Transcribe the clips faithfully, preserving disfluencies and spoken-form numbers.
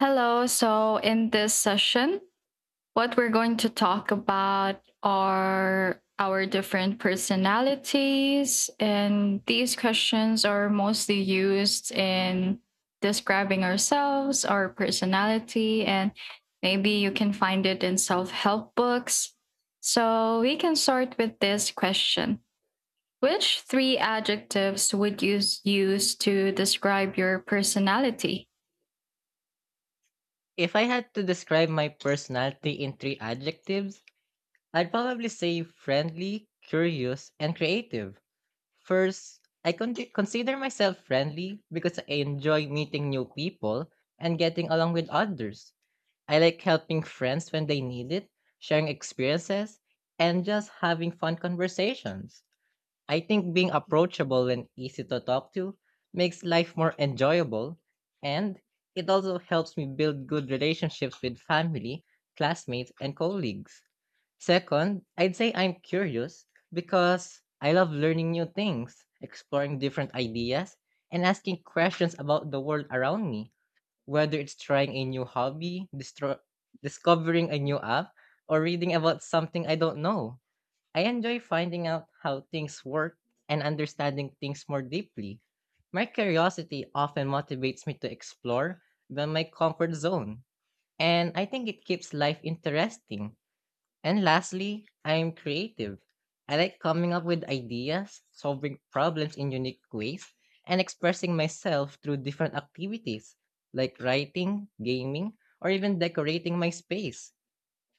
Hello. So, in this session, what we're going to talk about are our different personalities. And these questions are mostly used in describing ourselves, our personality, and maybe you can find it in self help books. So, we can start with this question: Which three adjectives would you s- use to describe your personality? If I had to describe my personality in three adjectives, I'd probably say friendly, curious, and creative. First, I con- consider myself friendly because I enjoy meeting new people and getting along with others. I like helping friends when they need it, sharing experiences, and just having fun conversations. I think being approachable and easy to talk to makes life more enjoyable, and it also helps me build good relationships with family, classmates, and colleagues. Second, I'd say I'm curious because I love learning new things, exploring different ideas, and asking questions about the world around me, whether it's trying a new hobby, distro- discovering a new app, or reading about something I don't know. I enjoy finding out how things work and understanding things more deeply. My curiosity often motivates me to explore beyond my comfort zone, and I think it keeps life interesting. And lastly, I am creative. I like coming up with ideas, solving problems in unique ways, and expressing myself through different activities like writing, gaming, or even decorating my space.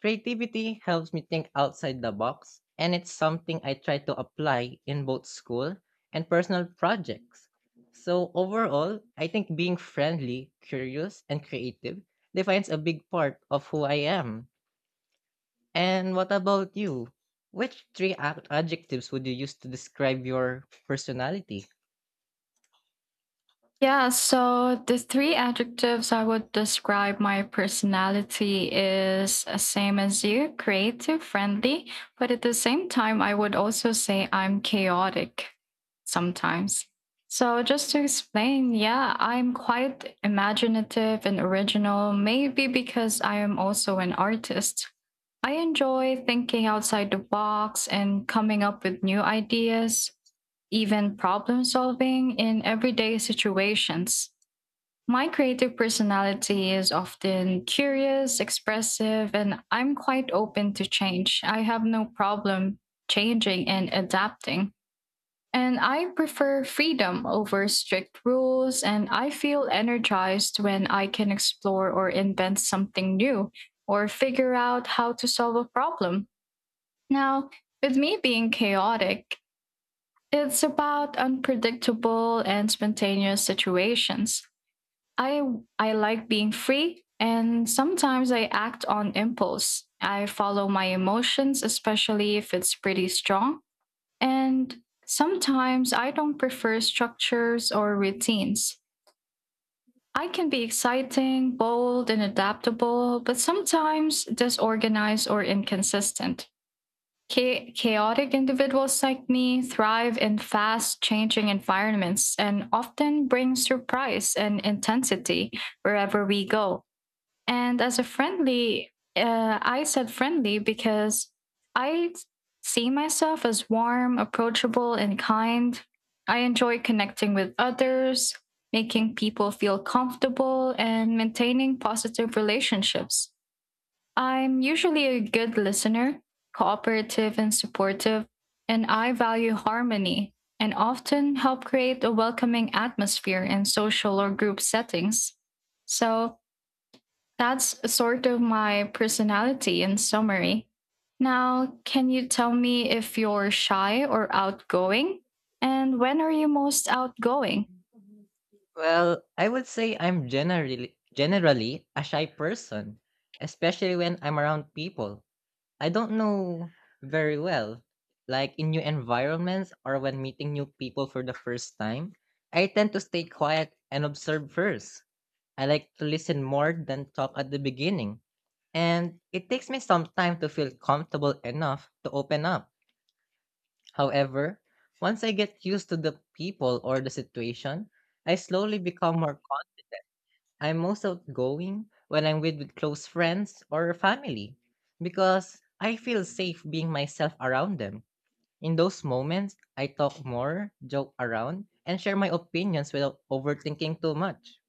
Creativity helps me think outside the box, and it's something I try to apply in both school and personal projects. So, overall, I think being friendly, curious, and creative defines a big part of who I am. And what about you? Which three ad- adjectives would you use to describe your personality? Yeah, so the three adjectives I would describe my personality is uh, same as you, creative, friendly, but at the same time I would also say I'm chaotic sometimes. So just to explain, yeah, I'm quite imaginative and original, maybe because I am also an artist. I enjoy thinking outside the box and coming up with new ideas, even problem solving in everyday situations. My creative personality is often curious, expressive, and I'm quite open to change. I have no problem changing and adapting. And I prefer freedom over strict rules, and I feel energized when I can explore or invent something new or figure out how to solve a problem. Now, with me being chaotic, it's about unpredictable and spontaneous situations. I I like being free, and sometimes I act on impulse. I follow my emotions, especially if it's pretty strong, and sometimes I don't prefer structures or routines. I can be exciting, bold and adaptable, but sometimes disorganized or inconsistent. Cha- chaotic individuals like me thrive in fast changing environments and often bring surprise and intensity wherever we go. And as a friendly, uh, I said friendly because I see myself as warm, approachable, and kind. I enjoy connecting with others, making people feel comfortable, and maintaining positive relationships. I'm usually a good listener, cooperative and supportive, and I value harmony and often help create a welcoming atmosphere in social or group settings. So that's sort of my personality in summary. Now, can you tell me if you're shy or outgoing? And when are you most outgoing? Well, I would say I'm generally generally a shy person, especially when I'm around people I don't know very well. Like in new environments or when meeting new people for the first time, I tend to stay quiet and observe first. I like to listen more than talk at the beginning. And it takes me some time to feel comfortable enough to open up. However, once I get used to the people or the situation, I slowly become more. I'm most outgoing when I'm with, with close friends or family because I feel safe being myself around them. In those moments, I talk more, joke around, and share my opinions without overthinking too much.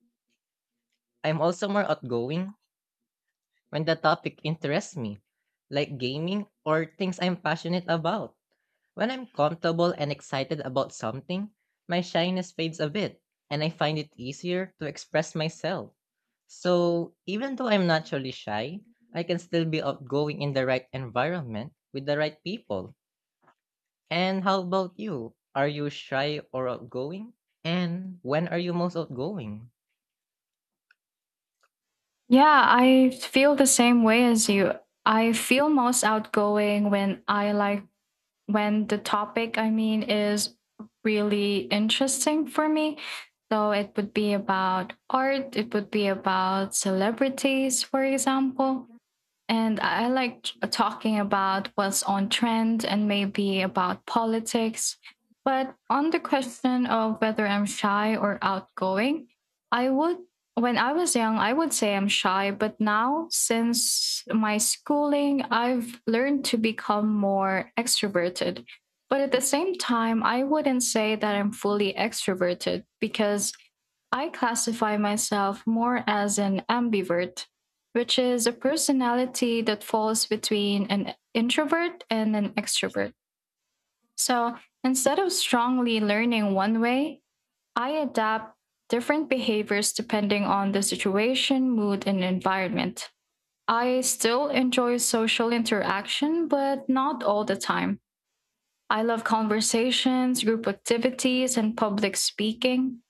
I'm also more outgoing when the topic interests me, like gaming or things I'm passionate about. When I'm comfortable and excited about something, my shyness fades a bit, and I find it easier to express myself. So, even though I'm naturally shy, I can still be outgoing in the right environment with the right people. And how about you? Are you shy or outgoing? And when are you most outgoing? Yeah, I feel the same way as you. I feel most outgoing when I like, when the topic, I mean, is really interesting for me. So it would be about art, it would be about celebrities, for example. And I like talking about what's on trend and maybe about politics. But on the question of whether I'm shy or outgoing, I would, when I was young, I would say I'm shy. But now, since my schooling, I've learned to become more extroverted. But at the same time, I wouldn't say that I'm fully extroverted because I classify myself more as an ambivert, which is a personality that falls between an introvert and an extrovert. So instead of strongly learning one way, I adapt different behaviors depending on the situation, mood, and environment. I still enjoy social interaction, but not all the time. I love conversations, group activities, and public speaking.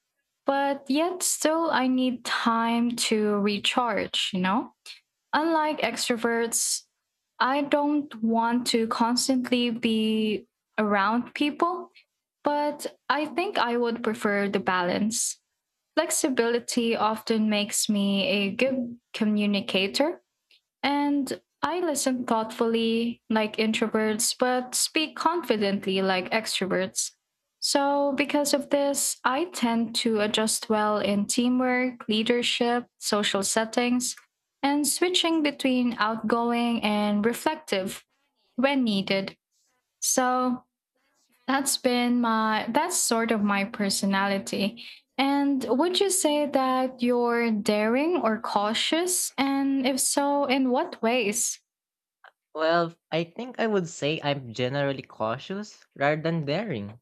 But yet, still, I need time to recharge, you know? Unlike extroverts, I don't want to constantly be around people, but I think I would prefer the balance. Flexibility often makes me a good communicator, and I listen thoughtfully, like introverts, but speak confidently, like extroverts. So, because of this, I tend to adjust well in teamwork, leadership, social settings, and switching between outgoing and reflective when needed. So, that's been my, that's sort of my personality. And would you say that you're daring or cautious? And if so, in what ways? Well, I think I would say I'm generally cautious rather than daring.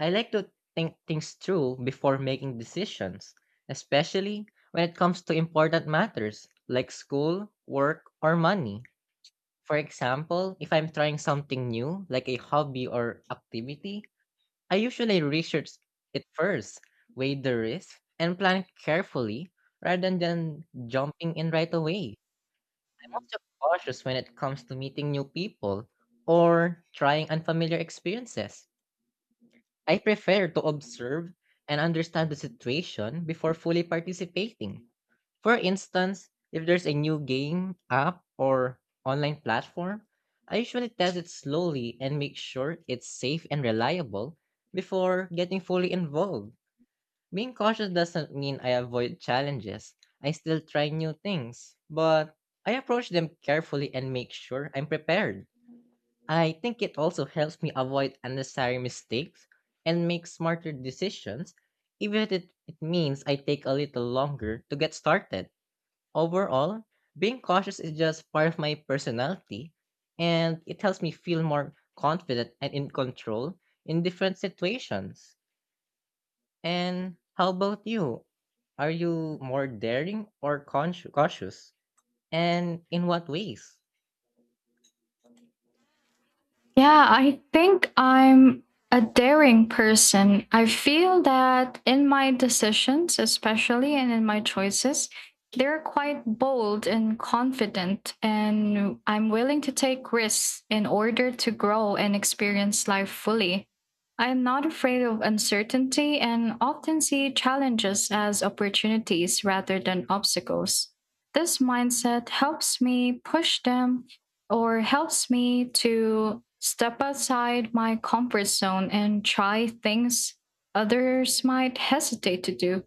I like to think things through before making decisions, especially when it comes to important matters like school, work, or money. For example, if I'm trying something new, like a hobby or activity, I usually research it first, weigh the risk, and plan carefully rather than jumping in right away. I'm also cautious when it comes to meeting new people or trying unfamiliar experiences. I prefer to observe and understand the situation before fully participating. For instance, if there's a new game, app, or online platform, I usually test it slowly and make sure it's safe and reliable before getting fully involved. Being cautious doesn't mean I avoid challenges. I still try new things, but I approach them carefully and make sure I'm prepared. I think it also helps me avoid unnecessary mistakes and make smarter decisions, even if it, it means I take a little longer to get started. Overall, being cautious is just part of my personality, and it helps me feel more confident and in control in different situations. And how about you? Are you more daring or consci- cautious? And in what ways? Yeah, I think I'm a daring person. I feel that in my decisions, especially, and in my choices, they're quite bold and confident, and I'm willing to take risks in order to grow and experience life fully. I am not afraid of uncertainty and often see challenges as opportunities rather than obstacles. This mindset helps me push them, or helps me to step outside my comfort zone and try things others might hesitate to do.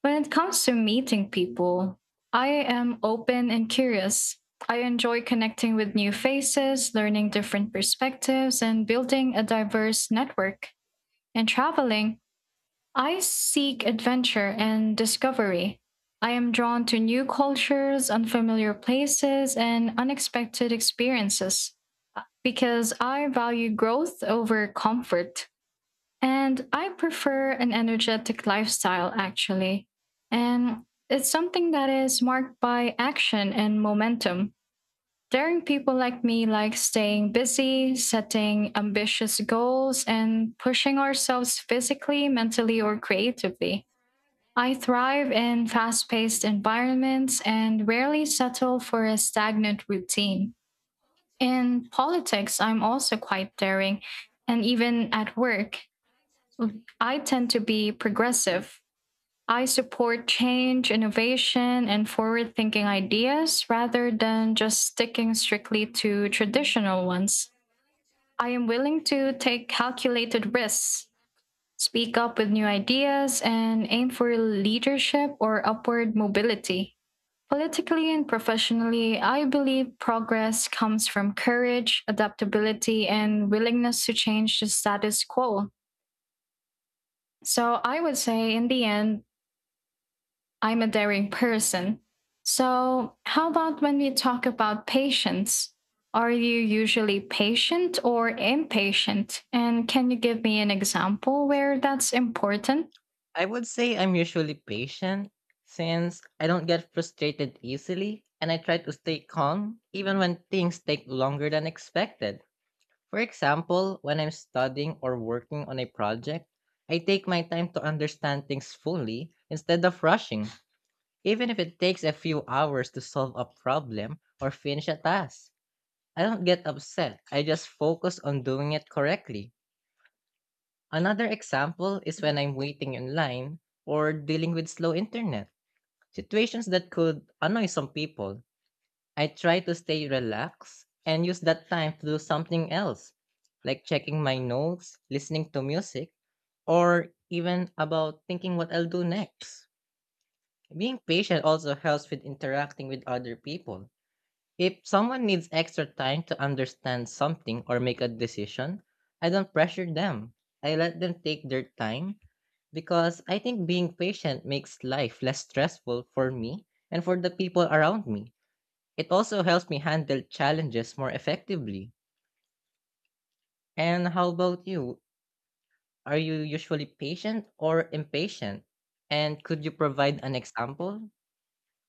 When it comes to meeting people, I am open and curious. I enjoy connecting with new faces, learning different perspectives, and building a diverse network. And traveling, I seek adventure and discovery. I am drawn to new cultures, unfamiliar places, and unexpected experiences, uh, because I value growth over comfort. And I prefer an energetic lifestyle, actually. And it's something that is marked by action and momentum. Daring people like me like staying busy, setting ambitious goals, and pushing ourselves physically, mentally, or creatively. I thrive in fast paced environments and rarely settle for a stagnant routine. In politics, I'm also quite daring, and even at work, I tend to be progressive. I support change, innovation, and forward thinking ideas rather than just sticking strictly to traditional ones. I am willing to take calculated risks, speak up with new ideas, and aim for leadership or upward mobility. Politically and professionally, I believe progress comes from courage, adaptability, and willingness to change the status quo. So I would say, in the end, I'm a daring person. So, how about when we talk about patience? Are you usually patient or impatient? And can you give me an example where that's important? I would say I'm usually patient, since I don't get frustrated easily and I try to stay calm even when things take longer than expected. For example, when I'm studying or working on a project, I take my time to understand things fully instead of rushing, even if it takes a few hours to solve a problem or finish a task. I don't get upset, I just focus on doing it correctly. Another example is when I'm waiting in line or dealing with slow internet, situations that could annoy some people. I try to stay relaxed and use that time to do something else, like checking my notes, listening to music, or even about thinking what I'll do next. Being patient also helps with interacting with other people. If someone needs extra time to understand something or make a decision, I don't pressure them. I let them take their time because I think being patient makes life less stressful for me and for the people around me. It also helps me handle challenges more effectively. And how about you? Are you usually patient or impatient? And could you provide an example?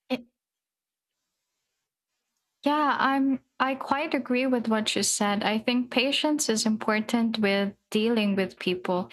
It- yeah, I'm I quite agree with what you said. I think patience is important with dealing with people.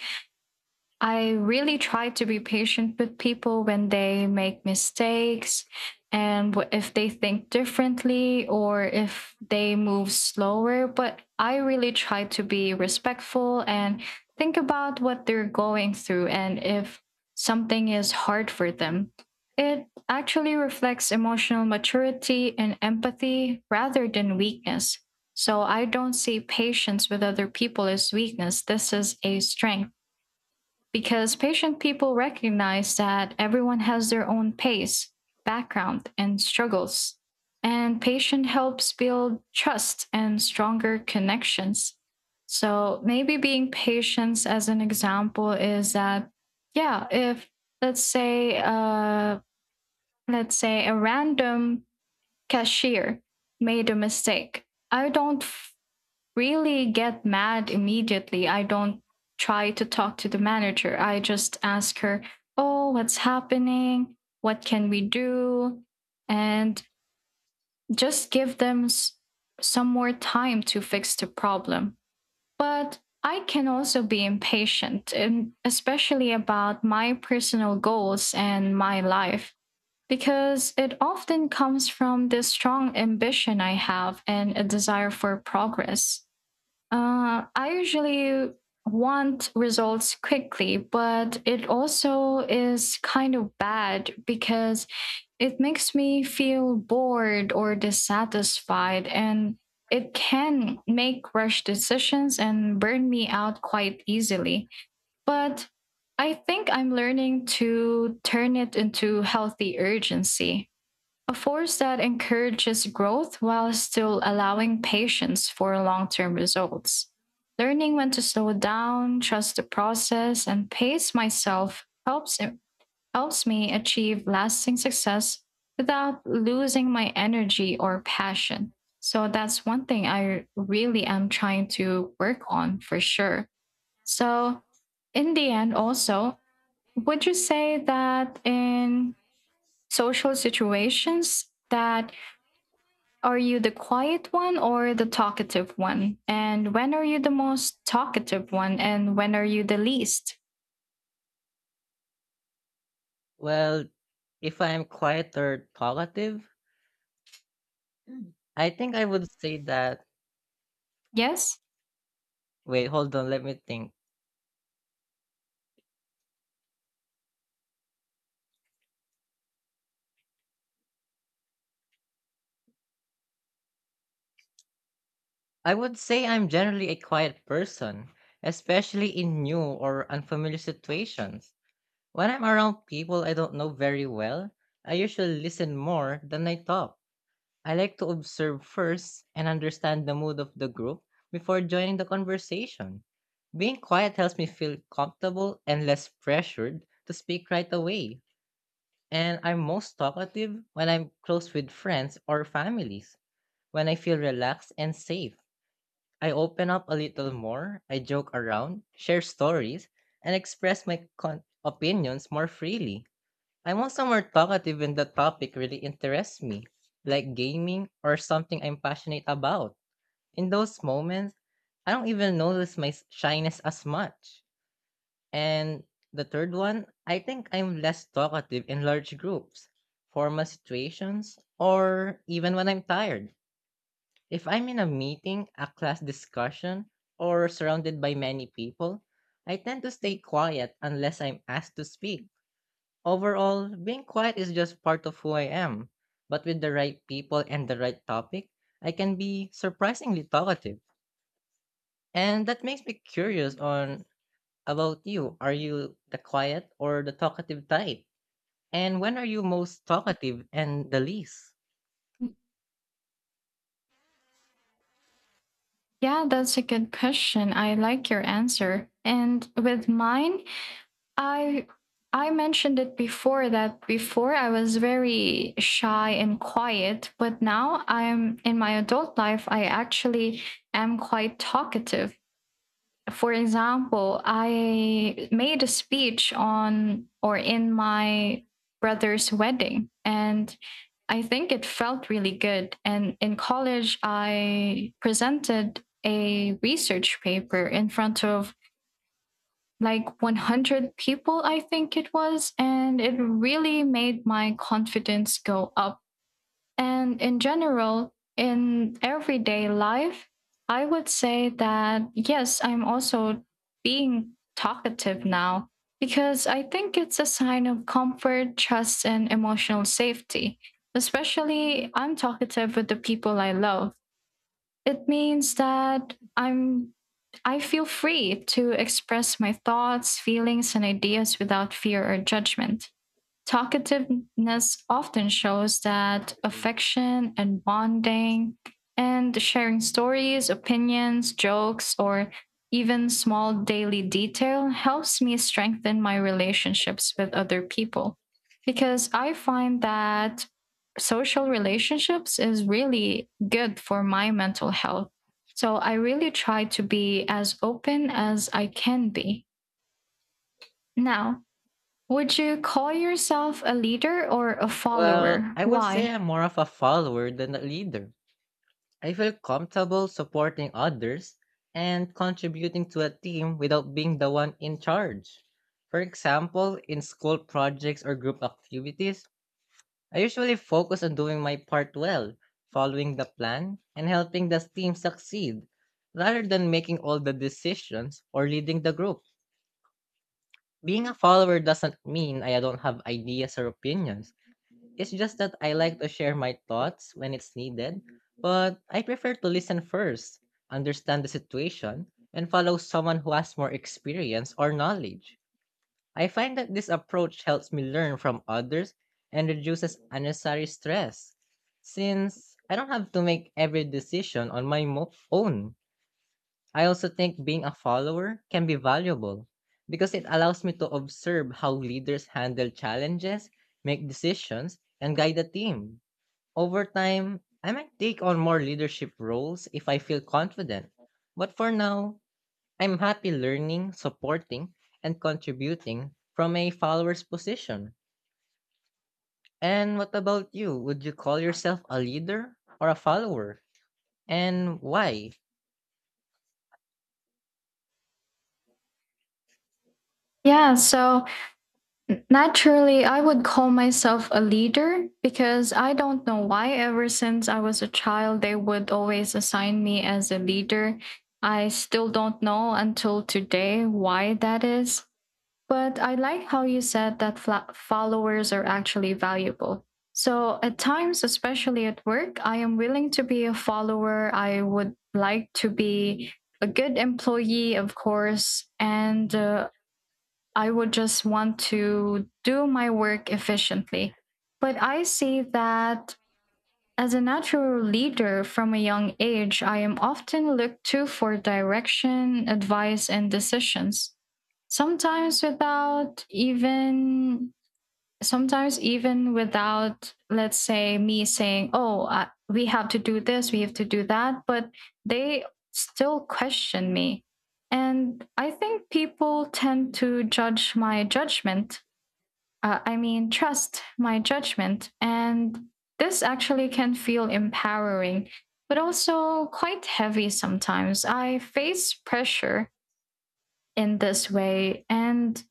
I really try to be patient with people when they make mistakes, and if they think differently or if they move slower. But I really try to be respectful and think about what they're going through and if something is hard for them. It actually reflects emotional maturity and empathy rather than weakness. So I don't see patience with other people as weakness. This is a strength because patient people recognize that everyone has their own pace, background, and struggles. And patient helps build trust and stronger connections. So maybe being patient as an example is that, yeah, if, let's say, uh, let's say a random cashier made a mistake, I don't really get mad immediately. I don't try to talk to the manager. I just ask her, "Oh, what's happening? What can we do?" And just give them s- some more time to fix the problem. But I can also be impatient, and especially about my personal goals and my life, because it often comes from this strong ambition I have and a desire for progress. Uh, I usually want results quickly, but it also is kind of bad because it makes me feel bored or dissatisfied, and it can make rush decisions and burn me out quite easily. But I think I'm learning to turn it into healthy urgency, a force that encourages growth while still allowing patience for long term results. Learning when to slow down, trust the process, and pace myself helps, helps me achieve lasting success without losing my energy or passion. So that's one thing I really am trying to work on for sure. So, in the end, also, would you say that, in social situations, that are you the quiet one or the talkative one? And when are you the most talkative one? And when are you the least? Well, if I'm quiet or talkative, I think I would say that. Yes? Wait, hold on, let me think. I would say I'm generally a quiet person, especially in new or unfamiliar situations. When I'm around people I don't know very well, I usually listen more than I talk. I like to observe first and understand the mood of the group before joining the conversation. Being quiet helps me feel comfortable and less pressured to speak right away. And I'm most talkative when I'm close with friends or families. When I feel relaxed and safe, I open up a little more, I joke around, share stories, and express my con- opinions more freely. I want somewhere talkative when the topic really interests me, like gaming or something I'm passionate about. In those moments, I don't even notice my s- shyness as much. And the third one, I think I'm less talkative in large groups, formal situations, or even when I'm tired. If I'm in a meeting, a class discussion, or surrounded by many people, I tend to stay quiet unless I'm asked to speak. Overall, being quiet is just part of who I am. But with the right people and the right topic, I can be surprisingly talkative. And that makes me curious on about you. Are you the quiet or the talkative type? And when are you most talkative and the least? Yeah, that's a good question. I like your answer. And with mine, I I mentioned it before that, before, I was very shy and quiet, but now I'm in my adult life I actually am quite talkative. For example, I made a speech on, or in, my brother's wedding, and I think it felt really good. And in college, I presented a research paper in front of like one hundred people, I think it was. And it really made my confidence go up, and in general, in everyday life, I would say that yes, I'm also being talkative now because I think it's a sign of comfort, trust, and emotional safety. Especially, I'm talkative with the people I love. It means that I'm I feel free to express my thoughts, feelings, and ideas without fear or judgment. Talkativeness often shows that affection and bonding, and sharing stories, opinions, jokes, or even small daily detail, helps me strengthen my relationships with other people. Because I find that social relationships is really good for my mental health. So I really try to be as open as I can be. Now, would you call yourself a leader or a Well, follower? I would say Why? I'm more of a follower than a leader. I feel comfortable supporting others and contributing to a team without being the one in charge. For example, in school projects or group activities, I usually focus on doing my part well, following the plan, and helping the team succeed, rather than making all the decisions or leading the group. Being a follower doesn't mean I don't have ideas or opinions. It's just that I like to share my thoughts when it's needed, but I prefer to listen first, understand the situation, and follow someone who has more experience or knowledge. I find that this approach helps me learn from others and reduces unnecessary stress, since I don't have to make every decision on my mo- own. I also think being a follower can be valuable because it allows me to observe how leaders handle challenges, make decisions, and guide a team. Over time, I might take on more leadership roles if I feel confident. But for now, I'm happy learning, supporting, and contributing from a follower's position. And what about you? Would you call yourself a leader or a follower? And why? Yeah, so n- naturally, I would call myself a leader because, I don't know why, ever since I was a child, they would always assign me as a leader. I still don't know until today why that is. But I like how you said that fla- followers are actually valuable. So at times, especially at work, I am willing to be a follower. I would like to be a good employee, of course, and uh, I would just want to do my work efficiently. But I see that, as a natural leader from a young age, I am often looked to for direction, advice, and decisions. Sometimes without even, Sometimes even without, let's say, me saying, "Oh, I, we have to do this, we have to do that," but they still question me. And I think people tend to judge my judgment uh, I mean, trust my judgment. And this actually can feel empowering, but also quite heavy sometimes. I face pressure in this way, and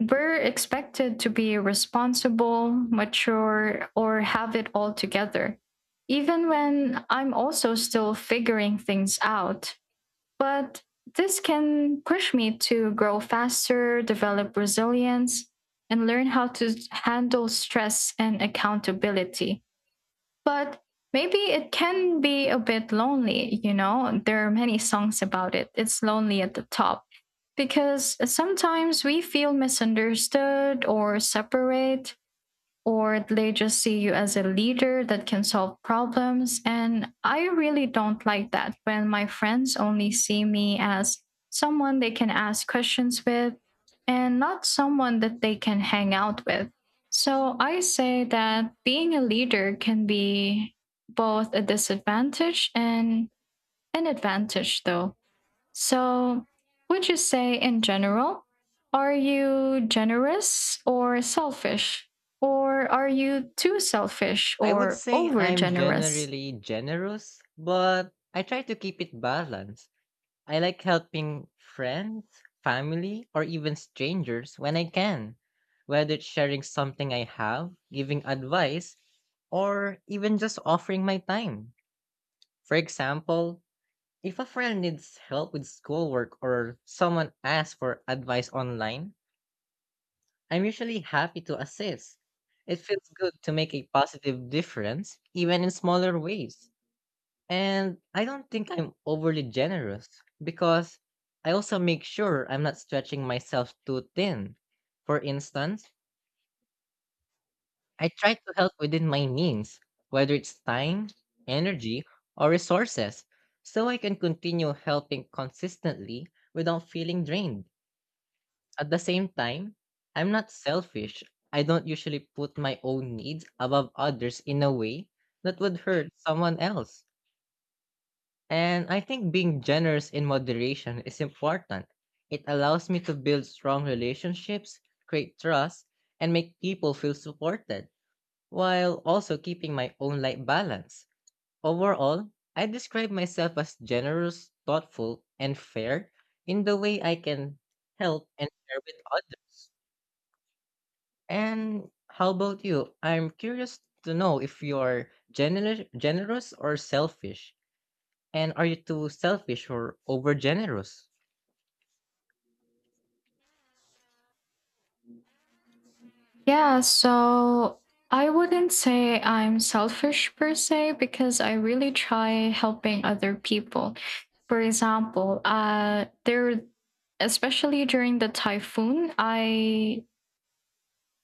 we're expected to be responsible, mature, or have it all together. Even when I'm also still figuring things out, but this can push me to grow faster, develop resilience, and learn how to handle stress and accountability. But maybe it can be a bit lonely, you know? There are many songs about it. It's lonely at the top because sometimes we feel misunderstood or separate, or they just see you as a leader that can solve problems. And I really don't like that when my friends only see me as someone they can ask questions with and not someone that they can hang out with. So I say that being a leader can be both a disadvantage and an advantage, though. So, would you say in general, are you generous or selfish? Or are you too selfish I would or say over I'm generous? generally generous, but I try to keep it balanced. I like helping friends, family, or even strangers when I can, whether it's sharing something I have, giving advice, or even just offering my time. For example, if a friend needs help with schoolwork or someone asks for advice online, I'm usually happy to assist. It feels good to make a positive difference, even in smaller ways. And I don't think I'm overly generous because I also make sure I'm not stretching myself too thin. For instance, I try to help within my means, whether it's time, energy, or resources, so I can continue helping consistently without feeling drained. At the same time, I'm not selfish. I don't usually put my own needs above others in a way that would hurt someone else. And I think being generous in moderation is important. It allows me to build strong relationships, create trust, and make people feel supported, while also keeping my own life balance. Overall, I describe myself as generous, thoughtful, and fair in the way I can help and share with others. And how about you? I'm curious to know if you're gener- generous or selfish. And are you too selfish or overgenerous? Yeah, so I wouldn't say I'm selfish per se because I really try helping other people. For example, uh, there, especially during the typhoon, I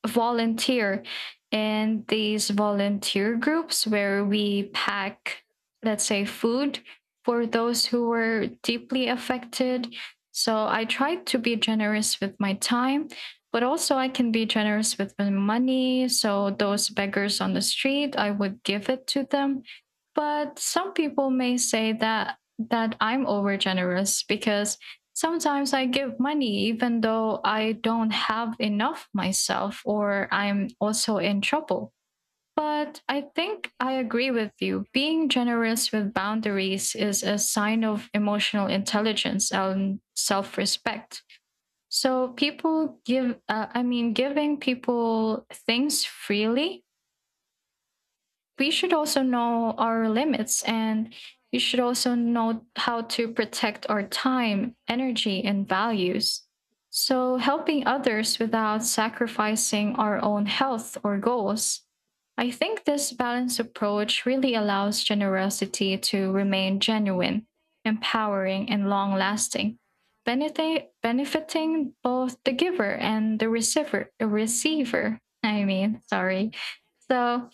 volunteer in these volunteer groups where we pack, let's say, food for those who were deeply affected. So I tried to be generous with my time, but also I can be generous with my money. So those beggars on the street, I would give it to them. But some people may say that that I'm over generous because sometimes I give money even though I don't have enough myself or I'm also in trouble. But I think I agree with you. Being generous with boundaries is a sign of emotional intelligence and self respect. So people give, uh, I mean, giving people things freely, we should also know our limits, and we should also know how to protect our time, energy, and values. So, helping others without sacrificing our own health or goals. I think this balanced approach really allows generosity to remain genuine, empowering, and long lasting, benefit, benefiting both the giver and the receiver. The receiver, I mean, sorry. So,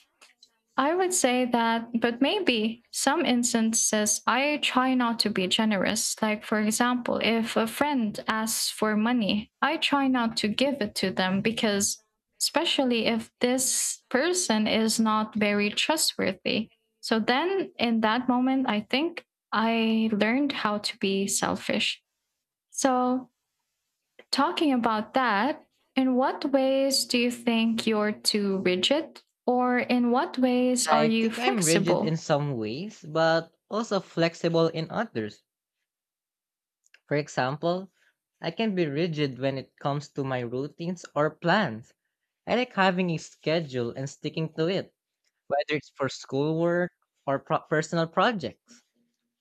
I would say that, but maybe some instances I try not to be generous. Like, for example, if a friend asks for money, I try not to give it to them because, especially if this person is not very trustworthy. So then in that moment, I think I learned how to be selfish. So, talking about that, in what ways do you think you're too rigid, or in what ways are I you think I'm rigid in flexible? some ways, but also flexible in others. For example, I can be rigid when it comes to my routines or plans. I like having a schedule and sticking to it, whether it's for schoolwork or pro- personal projects.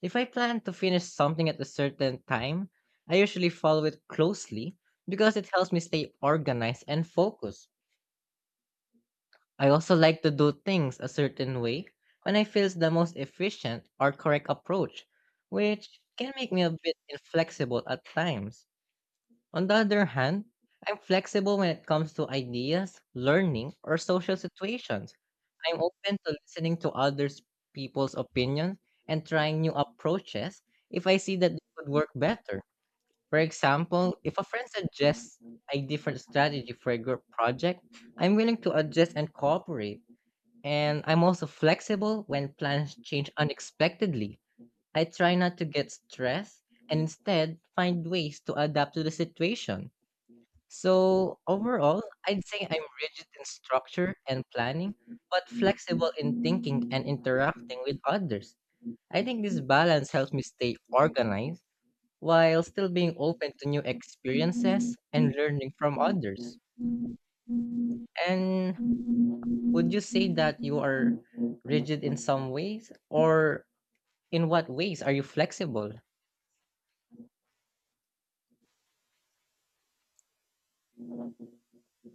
If I plan to finish something at a certain time, I usually follow it closely because it helps me stay organized and focused. I also like to do things a certain way when I feel is the most efficient or correct approach, which can make me a bit inflexible at times. On the other hand, I'm flexible when it comes to ideas, learning, or social situations. I'm open to listening to others people's opinions and trying new approaches if I see that they could work better. For example, if a friend suggests a different strategy for a group project, I'm willing to adjust and cooperate, and I'm also flexible when plans change unexpectedly. I try not to get stressed and instead find ways to adapt to the situation. So, overall, I'd say I'm rigid in structure and planning, but flexible in thinking and interacting with others. I think this balance helps me stay organized while still being open to new experiences and learning from others. And would you say that you are rigid in some ways or in what ways are you flexible?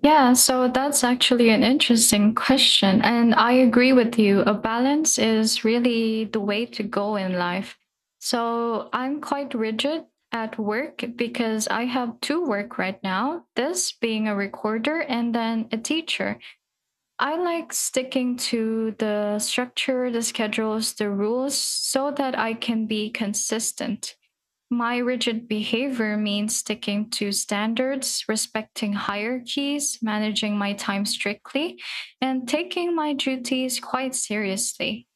Yeah, so that's actually an interesting question. And I agree with you. A balance is really the way to go in life. So I'm quite rigid at work because I have two work right now, this being a recorder and then a teacher. I like sticking to the structure, the schedules, the rules so that I can be consistent. My rigid behavior means sticking to standards, respecting hierarchies, managing my time strictly, and taking my duties quite seriously.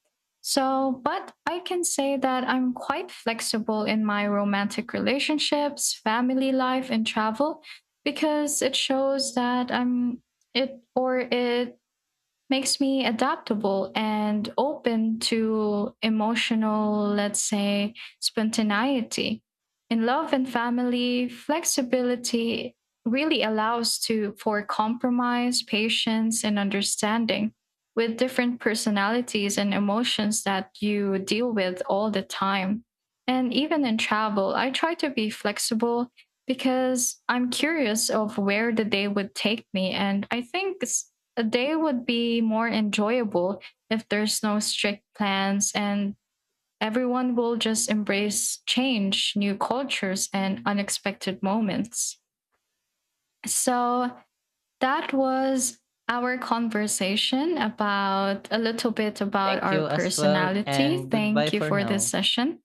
So, but I can say that I'm quite flexible in my romantic relationships, family life, and travel because it shows that I'm it or it makes me adaptable and open to emotional, let's say, spontaneity. In love and family, flexibility really allows to for compromise, patience, and understanding with different personalities and emotions that you deal with all the time. And even in travel, I try to be flexible because I'm curious of where the day would take me. And I think s- a day would be more enjoyable if there's no strict plans and everyone will just embrace change, new cultures, and unexpected moments. So that was our conversation about a little bit about Thank our you as well, personality. and goodbye Thank you for for this now. session.